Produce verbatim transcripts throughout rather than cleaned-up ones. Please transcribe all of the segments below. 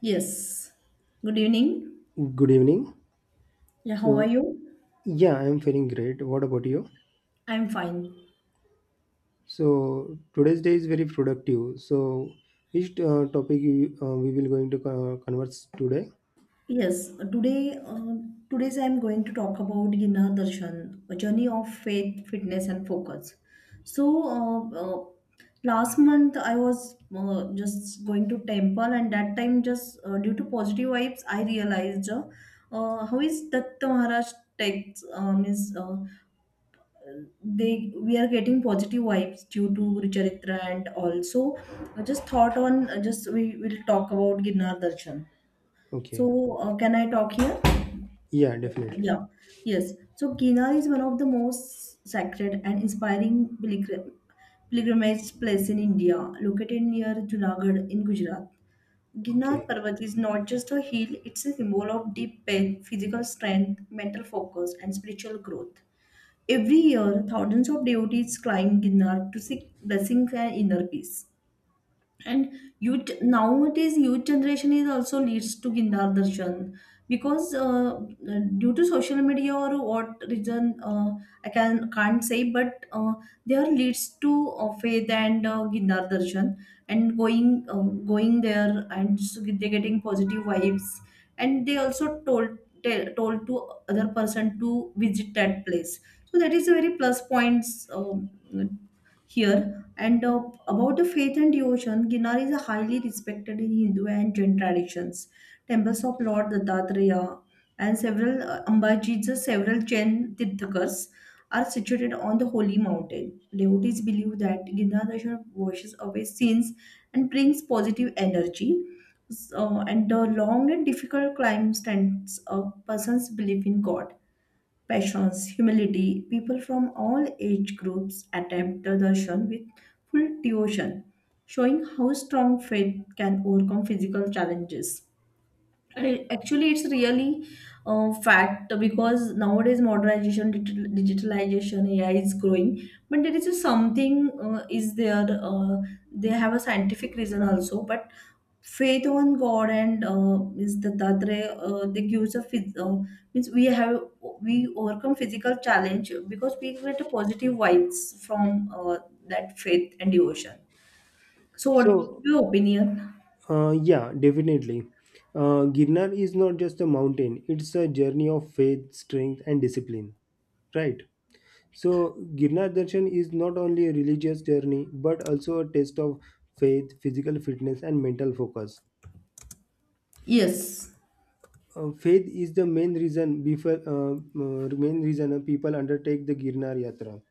Yes. Good evening. Good evening. Yeah, how are So, you? yeah, I'm feeling great. What about you? I'm fine. So, today's day is very productive. So, which uh, topic you, uh, we will going to uh, converse today? Yes, today uh, today's I'm going to talk about Gina Darshan, a journey of faith, fitness and focus. So, uh, uh, Last month I was uh, just going to temple, and that time, just uh, due to positive vibes, I realized uh, uh, how is Datta Maharaj text, uh, means uh, they we are getting positive vibes due to Guru Charitra, and also I just thought on uh, just we will talk about Ginnar Darshan. So Okay. uh, can I talk here? Yeah, definitely. Yeah. Yes. So Ginnar is one of the most sacred and inspiring pilgrim- pilgrimage place in India, located near Junagadh in Gujarat. Ginnar Okay. Parvat is not just a hill, it's a symbol of deep faith, physical strength, mental focus, and spiritual growth. Every year, thousands of devotees climb Ginnar to seek blessings and inner peace, and youth, nowadays youth generation is also leads to Gindar Darshan, because uh, uh, due to social media or what reason, uh, I can can't say, but uh, there leads to uh, faith and uh, Gindar Darshan, and going uh, going there, and so they're getting positive vibes, and they also told, tell, told to other person to visit that place. So that is a very plus points um, here. And uh, about the faith and devotion, Ginnar is highly respected in Hindu and Jain traditions. Temples of Lord Dattatreya and several uh, Ambaji's, several Jain Tirthakars are situated on the holy mountain. Devotees believe that Ginnar Darshan washes away sins and brings positive energy. So, and the long and difficult climb stands a person's belief in God, passions, humility. People from all age groups attempt the darshan with full devotion, showing how strong faith can overcome physical challenges. I- Actually, it's really uh, fact, because nowadays modernization, digital, digitalization, A I is growing. But there is a something uh, is there. Uh, they have a scientific reason also, but faith on God and, uh, means the Tatre, uh, they gives a phys- uh, means we have we overcome physical challenge because we get a positive vibes from uh, that faith and devotion. So, what So, your opinion? uh, yeah, definitely. Uh, Girnar is not just a mountain; it's a journey of faith, strength, and discipline. Right. So, Girnar Darshan is not only a religious journey but also a test of faith, physical fitness, and mental focus. Yes, Uh, faith is the main reason before uh, uh, main reason uh, people undertake the Girnar Yatra.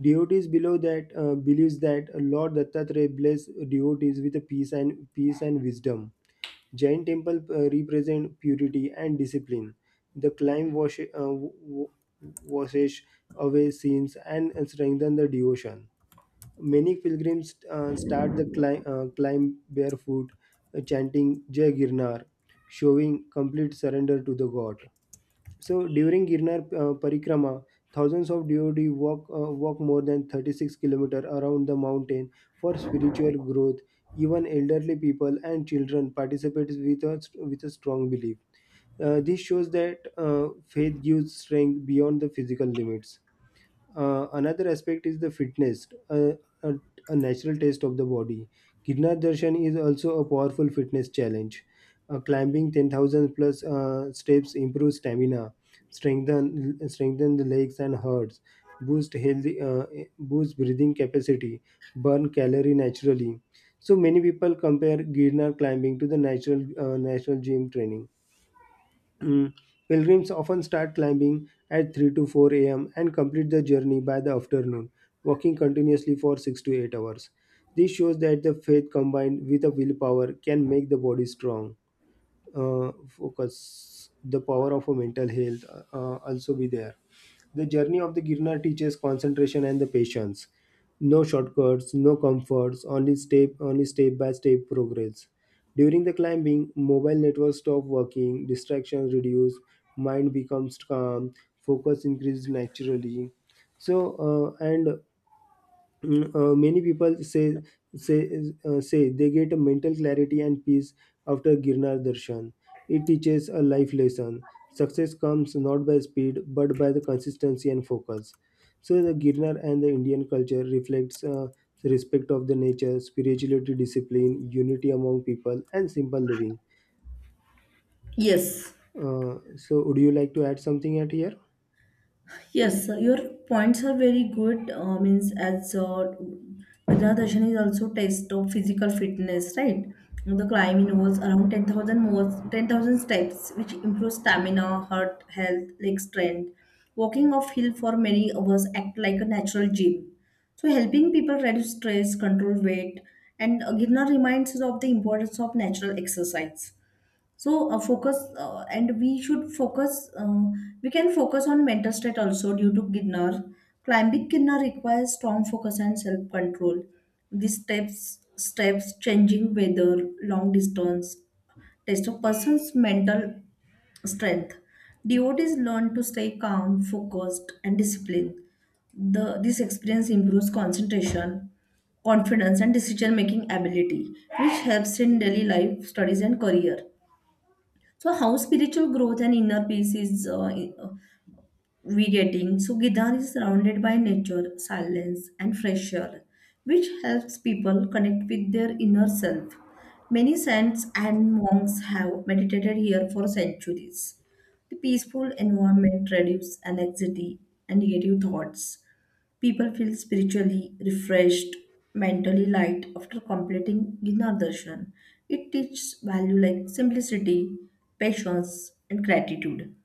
Devotees below that uh, believes that Lord Dattatreya bless devotees with peace and peace and wisdom. Jain temple uh, represent purity and discipline. The climb wash, uh, w- washes away sins and strengthen the devotion. Many pilgrims uh, start the climb, uh, climb barefoot, uh, chanting Jai Girnar, showing complete surrender to the God. So during Girnar uh, Parikrama, thousands of devotees walk uh, walk more than thirty-six kilometers around the mountain for spiritual growth. Even elderly people and children participate with a, with a strong belief. Uh, this shows that uh, faith gives strength beyond the physical limits. Uh, another aspect is the fitness, uh, a, a natural test of the body. Girnar Darshan is also a powerful fitness challenge. Uh, climbing ten thousand plus uh, steps improves stamina, strengthen strengthen the legs and hearts, boost healthy uh, boost breathing capacity, burn calorie naturally. So many people compare Girnar climbing to the natural uh, natural gym training. Mm. Pilgrims often start climbing at three to four a m and complete the journey by the afternoon, walking continuously for six to eight hours. This shows that the faith combined with a willpower can make the body strong. Uh, focus, the power of a mental health uh, uh, also be there. The journey of the Girnar teaches concentration and the patience. No shortcuts, no comforts, only step only step by step progress. During the climbing, mobile networks stop working, distractions reduce, mind becomes calm, focus increases naturally. So uh, and Mm, uh, many people say say uh, say they get a mental clarity and peace after Girnar darshan. It teaches a life lesson. Success comes not by speed but by the consistency and focus. So the Girnar and the Indian culture reflects uh, the respect of the nature, spirituality, discipline, unity among people, and simple living. yes. Uh, so, would you like to add something at here? Yes, uh, your points are very good. Uh, means as, uh, Bhadradarshan is also test of physical fitness, right? The climbing involves around ten thousand, more ten thousand steps, which improves stamina, heart health, leg strength. Walking off hill for many hours act like a natural gym. So helping people reduce stress, control weight, and uh, Girnar reminds us of the importance of natural exercise. So uh, focus uh, and we should focus uh, we can focus on mental state also due to ginner. Climbing ginner requires strong focus and self control. These steps steps, changing weather, long distance, test a person's mental strength. Devotees learn to stay calm, focused, and disciplined. The, this experience improves concentration, confidence, and decision making ability, which helps in daily life, studies, and career. So, how spiritual growth and inner peace is uh, regating. So Gidar is surrounded by nature, silence, and fresh air, which helps people connect with their inner self. Many saints and monks have meditated here for centuries. The peaceful environment reduces anxiety and negative thoughts. People feel spiritually refreshed, mentally light after completing Gidar Darshan. It teaches value like simplicity, patience, and gratitude.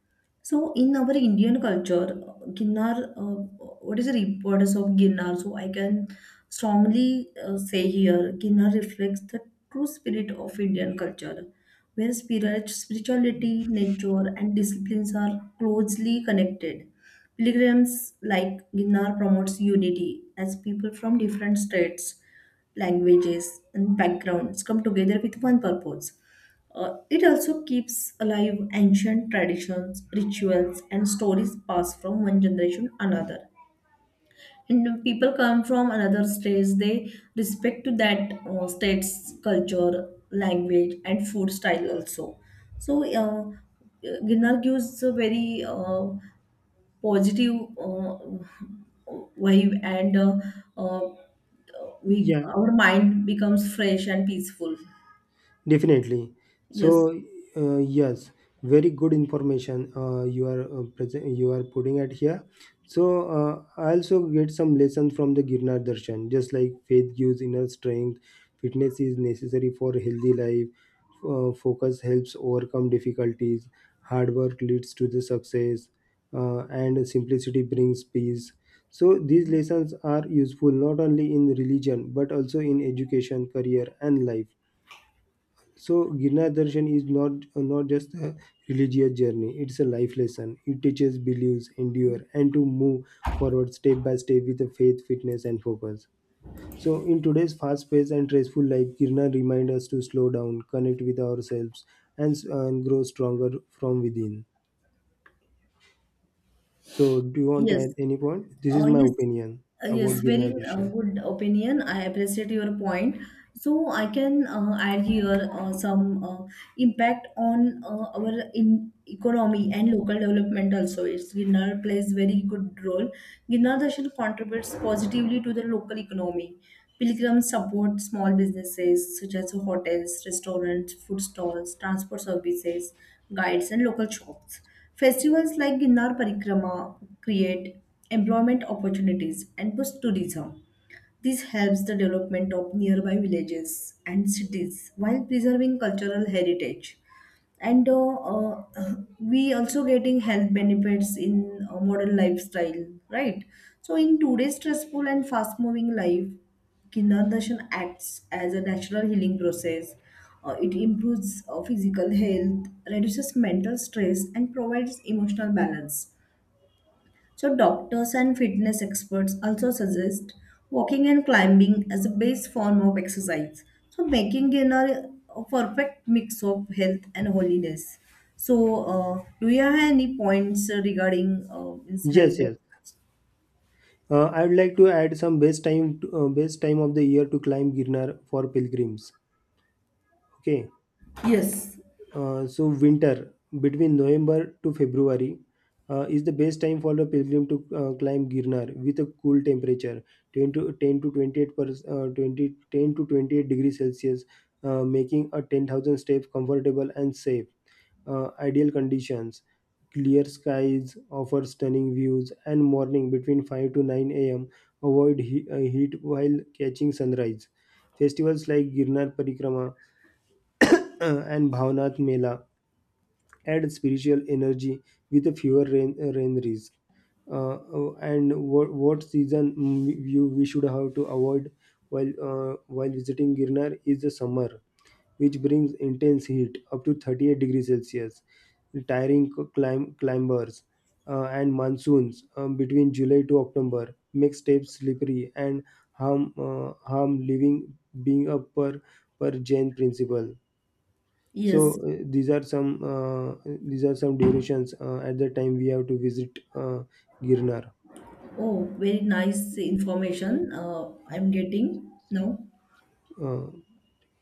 So in our Indian culture, Ginnar, uh, what is the importance of Ginnar? So I can strongly uh, say here, Ginnar reflects the true spirit of Indian culture, where spirit, spirituality, nature, and disciplines are closely connected. Pilgrims like Ginnar promotes unity as people from different states, languages, and backgrounds come together with one purpose. Uh, it also keeps alive ancient traditions, rituals, and stories passed from one generation to another. And when people come from another states, they respect to that uh, state's culture, language, and food style also. So, uh, Ginnar gives a very uh, positive uh, vibe, and uh, uh, we Yeah. our mind becomes fresh and peaceful. Definitely. Yes, So, uh, yes, very good information uh, you are uh, present. You are putting it here. So, uh, I also get some lessons from the Girnar Darshan, just like faith gives inner strength, fitness is necessary for healthy life, uh, focus helps overcome difficulties, hard work leads to the success, uh, and simplicity brings peace. So, these lessons are useful not only in religion but also in education, career, and life. So Girnar Darshan is not uh, not just a religious journey; it's a life lesson. It teaches beliefs, endure, and to move forward step by step with a faith, fitness, and focus. So in today's fast-paced and stressful life, Girnar reminds us to slow down, connect with ourselves, and, s- and grow stronger from within. So do you want to yes. add any point? This is Uh, my yes, opinion uh, about yes, Girnar very uh, Darshan. good opinion. I appreciate your point. So I can uh, add here uh, some uh, impact on uh, our in economy and local development also. It's Ginnar plays very good role. Ginnar Dashil contributes positively to the local economy. Pilgrims support small businesses such as hotels, restaurants, food stalls, transport services, guides, and local shops. Festivals like Ginnar Parikrama create employment opportunities and boost tourism. This helps the development of nearby villages and cities while preserving cultural heritage. And uh, uh, we also getting health benefits in uh, modern lifestyle, right? So in today's stressful and fast-moving life, Kindardarshan acts as a natural healing process. Uh, it improves uh, physical health, reduces mental stress, and provides emotional balance. So, doctors and fitness experts also suggest walking and climbing as a base form of exercise. So, making inner a perfect mix of health and holiness. So, uh, do you have any points regarding uh, means health? Yes, yes. Uh, I would like to add some best time, to, uh, best time of the year to climb Girnar for pilgrims. Okay. Yes, Uh, so winter between November to February uh, is the best time for a pilgrim to uh, climb Girnar with a cool temperature ten to ten to twenty-eight per, uh, twenty ten to twenty-eight degrees Celsius, uh, making a ten thousand step comfortable and safe. Uh, ideal conditions, clear skies offer stunning views, and morning between five to nine a m avoid he- uh, heat while catching sunrise. Festivals like Girnar Parikrama uh, and Bhavnath Mela add spiritual energy with a fewer rain, uh, rain risk. Uh, uh, and what, what season, mm, you we should have to avoid while uh, while visiting Girnar, is the summer, which brings intense heat up to thirty-eight degrees Celsius, tiring c- climb, climbers, uh, and monsoons um, between July to October make steps slippery and harm uh, harm living being a per per Jain principle. yes. So uh, these are some uh, these are some durations uh, at the time we have to visit uh, girnar. Oh, very nice information uh, I'm getting now. uh,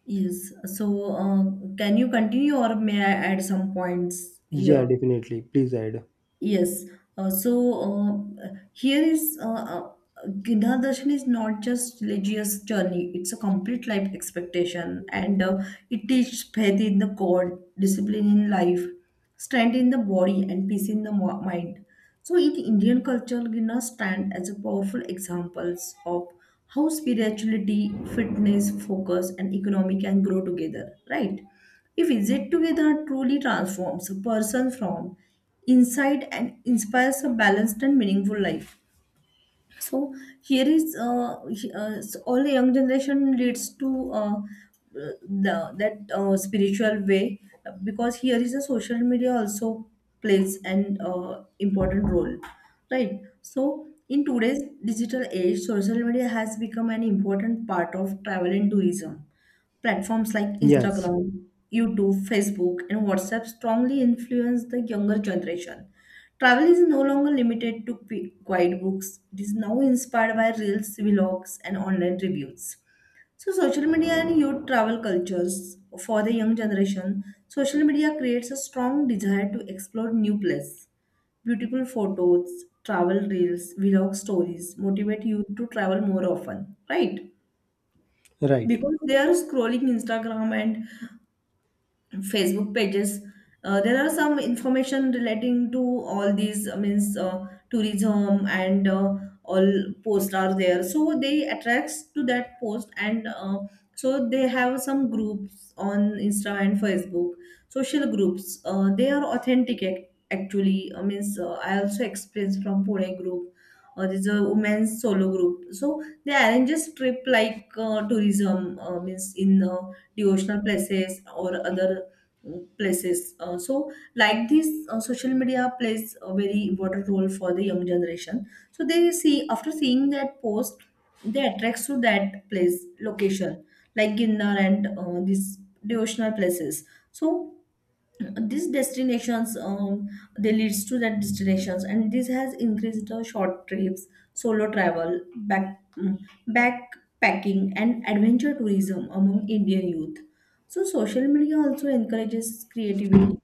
Yes. So, uh, can you continue or may I add some points yeah, here? definitely, please add. Yes. Uh, so uh, here is uh, uh, Gina Darshan is not just religious journey; it's a complete life expectation, and uh, it teaches faith in the God, discipline in life, strength in the body, and peace in the mo- mind. So, in Indian culture, Gina stand as a powerful examples of how spirituality, fitness, focus, and economic can grow together. Right? If visit together truly transforms a person from inside, and inspires a balanced and meaningful life. So here is uh, he- uh, so all young generation leads to uh, the that uh, spiritual way, because here is a social media also plays an uh, important role, right? So in today's digital age, social media has become an important part of travel and tourism. Platforms like Yes, Instagram, YouTube, Facebook, and WhatsApp strongly influence the younger generation. Travel is no longer limited to p- guidebooks. It is now inspired by reels, vlogs, and online reviews. So, social media and youth travel cultures for the young generation. Social media creates a strong desire to explore new places. Beautiful photos, travel reels, vlog stories motivate you to travel more often, right? right. Because they are scrolling Instagram and Facebook pages. Uh, there are some information relating to all these uh, means uh, tourism and uh, all posts are there. So they attracts to that post and, uh, so they have some groups on Insta and Facebook, social groups. Uh, they are authentic ac- actually. I means, uh, I also experienced from Pune group. Uh, there's a women's solo group. So they arranges trip like uh, tourism, uh, means in uh, devotional places or other places. Uh, so, like this, uh, social media plays a very important role for the young generation. So they see after seeing that post, they attracts to that place location, like Ginnar and uh, these devotional places. So these destinations um, they leads to that destinations, and this has increased the short trips, solo travel, back mm, backpacking, and adventure tourism among indian youth. So social media also encourages creativity.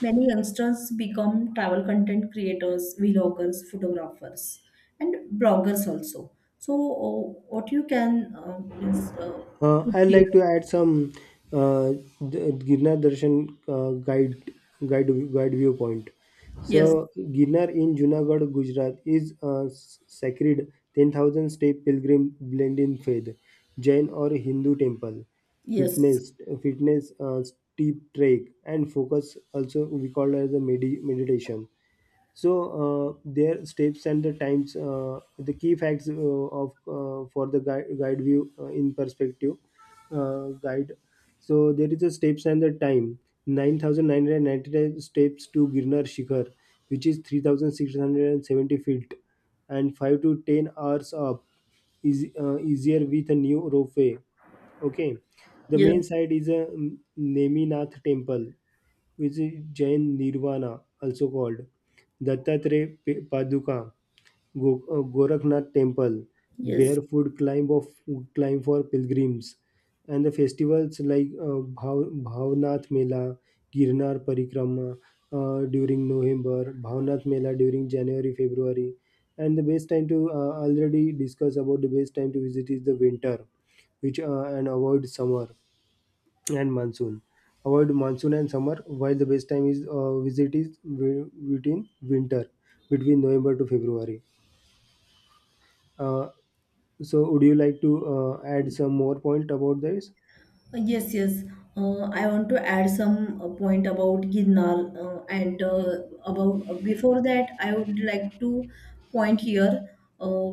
Many youngsters become travel content creators, vloggers, photographers, and bloggers also. So uh, what you can uh, means, uh, Uh, put I'd here. like to add some uh, the Girnar Darshan uh, guide guide guide viewpoint. So Yes, Girnar in Junagadh, Gujarat is a s- sacred ten thousand step pilgrim blend in faith, Jain or Hindu temple, yes, fitness fitness uh, steep trek, and focus, also we call it as a medi- meditation. So uh, their steps and the times, uh, the key facts uh, of uh, for the guide, guide view uh, in perspective, uh, guide so there is a steps and the time: nine thousand nine hundred ninety-nine steps to girnar shikhar, which is three thousand six hundred seventy feet, and five to ten hours up, is uh, easier with a new ropeway. Okay. The main yes, site is a mm, neminath temple, which is jain nirvana, also called Dattatreya P- Paduka, Go- uh, Goraknath Temple, yes. barefoot climb of climb for pilgrims, and the festivals like uh, Bhav- Bhavnath Mela, Girnar Parikrama uh, during November, Bhavnath Mela during January February, and the best time to uh, already discuss about, the best time to visit, is the winter, which uh, and avoid summer and monsoon. Avoid monsoon and summer, while the best time is uh, visit is wi- between winter, between November to February. Uh, so, would you like to uh, add some more point about this? Yes, yes. Uh, I want to add some uh, point about Ginnar, uh, and uh, about, uh, before that, I would like to point here. Uh,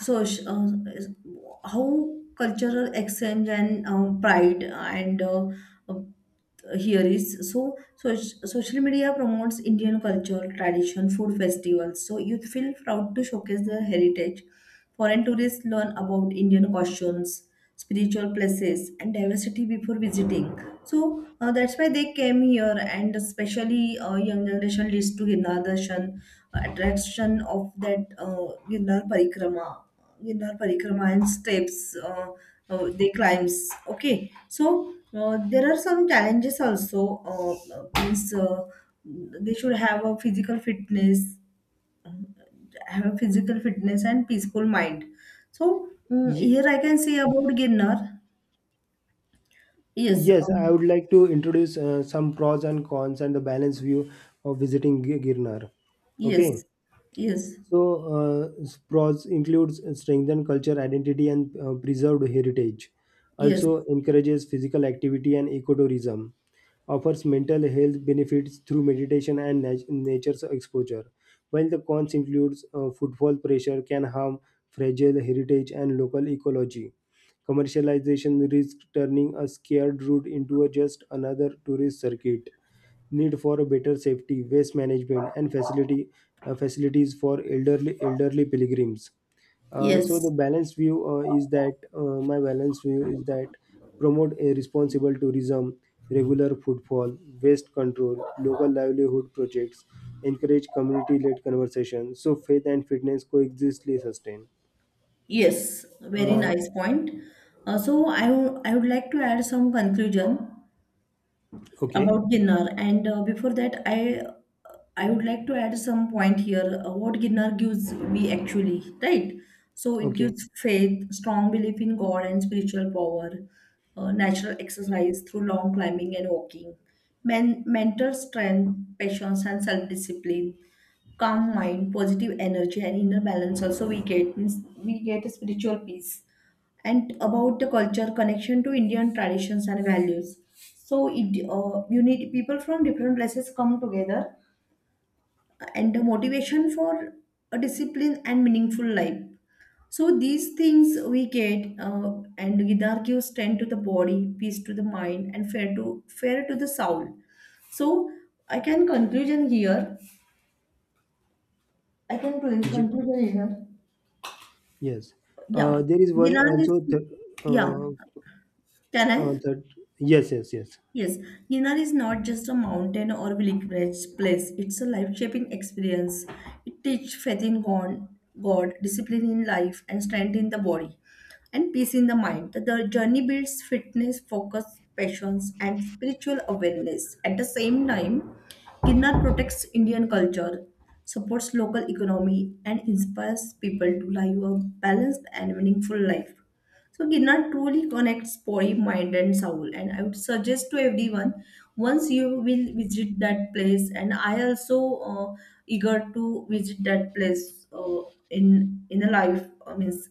so, uh, how cultural exchange and uh, pride and, uh, here is so, so social media promotes indian culture, tradition, food, festivals, so youth feel proud to showcase their heritage. Foreign tourists learn about indian costumes, spiritual places, and diversity before visiting. So uh, that's why they came here, and especially uh, young generation leads to Girnar Darshan, uh, attraction of that uh, Girnar Parikrama, Ginnar Parikrama, and steps, uh, uh, they climbs. Okay, so uh, there are some challenges also. Uh, uh, means uh, they should have a physical fitness, have a physical fitness and peaceful mind. So mm Ye- here I can say about Ginnar. Yes, Yes, I um, would like to introduce uh, some pros and cons and the balanced view of visiting Gi- Girnar. yes, Okay. yes, So, uh, Spross includes strengthened culture identity and uh, preserved heritage. yes. Also encourages physical activity and ecotourism. Offers mental health benefits through meditation and nat- nature's exposure. While the cons includes uh, footfall pressure can harm fragile heritage and local ecology. Commercialization risks turning a scared route into a just another tourist circuit, need for a better safety, waste management, and facility uh, facilities for elderly elderly pilgrims. Uh, so the Yes, balanced view uh, is that uh, my balanced view is that promote a responsible tourism, regular footfall, waste control, local livelihood projects, encourage community-led conversation. So faith and fitness coexistly sustain. yes, very Uh, nice point. Uh, so I would I would like to add some conclusion okay, about Ginnar. And uh, before that, I I would like to add some point here. Uh, what Ginnar gives we actually, right? So it okay. gives faith, strong belief in God and spiritual power, uh, natural exercise through long climbing and walking, men- mental strength, patience and self-discipline, calm mind, positive energy and inner balance. Also, we get, means we get a spiritual peace, and about the culture connection to Indian traditions and values. So it, uh, you need people from different places come together, and the motivation for a discipline and meaningful life. So these things we get, uh, and Gidar gives strength to the body, peace to the mind, and fair to fair to the soul. So I can conclusion here. I can Ye- conclusion here. yes. Yeah, Uh, there is one Gidar is, also. Th- yeah. uh, Can uh, I? that Yes, yes, yes. Yes, Ginnar is not just a mountain or pilgrimage place, it's a life shaping experience. It teaches faith in God, God, discipline in life, and strength in the body, and peace in the mind. The the journey builds fitness, focus, passions, and spiritual awareness. At the same time, Ginnar protects Indian culture, supports local economy, and inspires people to live a balanced and meaningful life. So Ginnar truly connects body, mind, and soul. And I would suggest to everyone, once you will visit that place. And I also uh, eager to visit that place uh, in in a life, uh, means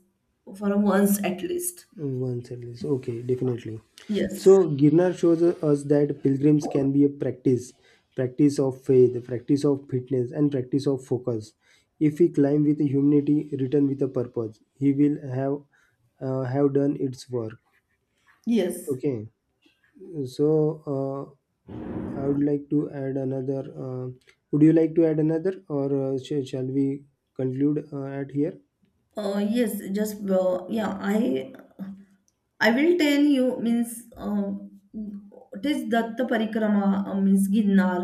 for a once at least. Once at least. Okay, definitely. Yes. So Girnar shows us that pilgrims can be a practice, practice of faith, practice of fitness, and practice of focus. If he climb with humility, return with a purpose, he will have uh, have done its work. Yes. Okay. So uh, I would like to add another. Uh, would you like to add another, or uh, sh- shall we conclude uh, at here? Uh, yes, just uh, yeah. I I will tell you, means um, it is Datta Parikrama, uh, means Ginnar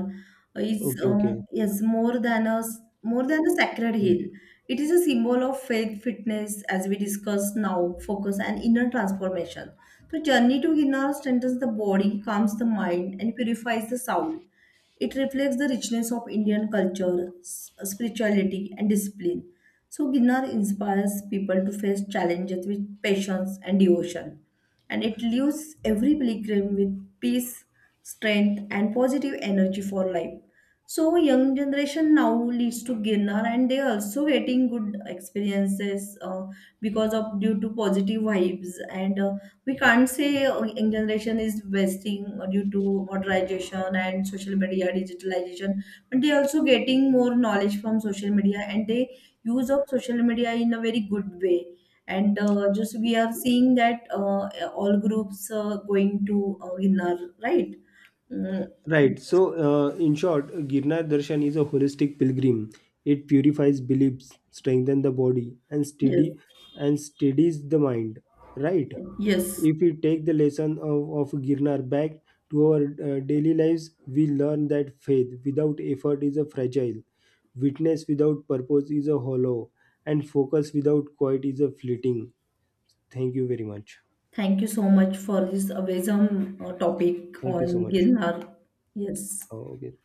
is, Okay. Okay. um, yes, more than a more than a sacred hill. It is a symbol of faith, fitness, as we discussed now, focus and inner transformation. So journey to Ginnar strengthens the body, calms the mind, and purifies the soul. It reflects the richness of Indian culture, s- spirituality, and discipline. So, Ginnar inspires people to face challenges with patience and devotion, and it leaves every pilgrim with peace, strength, and positive energy for life. So young generation now leads to Girnar, and they are also getting good experiences uh, because of due to positive vibes, and uh, we can't say uh, young generation is wasting uh, due to modernization and social media digitalization, but they also getting more knowledge from social media, and they use of social media in a very good way. And uh, just we are seeing that uh, all groups uh, going to uh, Girnar, right? Mm, Right. So, uh, in short, Girnar Darshan is a holistic pilgrim. It purifies beliefs, strengthens the body, and yes. steady and steadies the mind. Right. Yes, If we take the lesson of, of Girnar back to our uh, daily lives, we learn that faith without effort is a fragile, witness without purpose is a hollow, and focus without quiet is a fleeting. Thank you very much. thank you so much for this awesome uh, topic Thank you so on much. Ginnar. Yes. Oh, okay.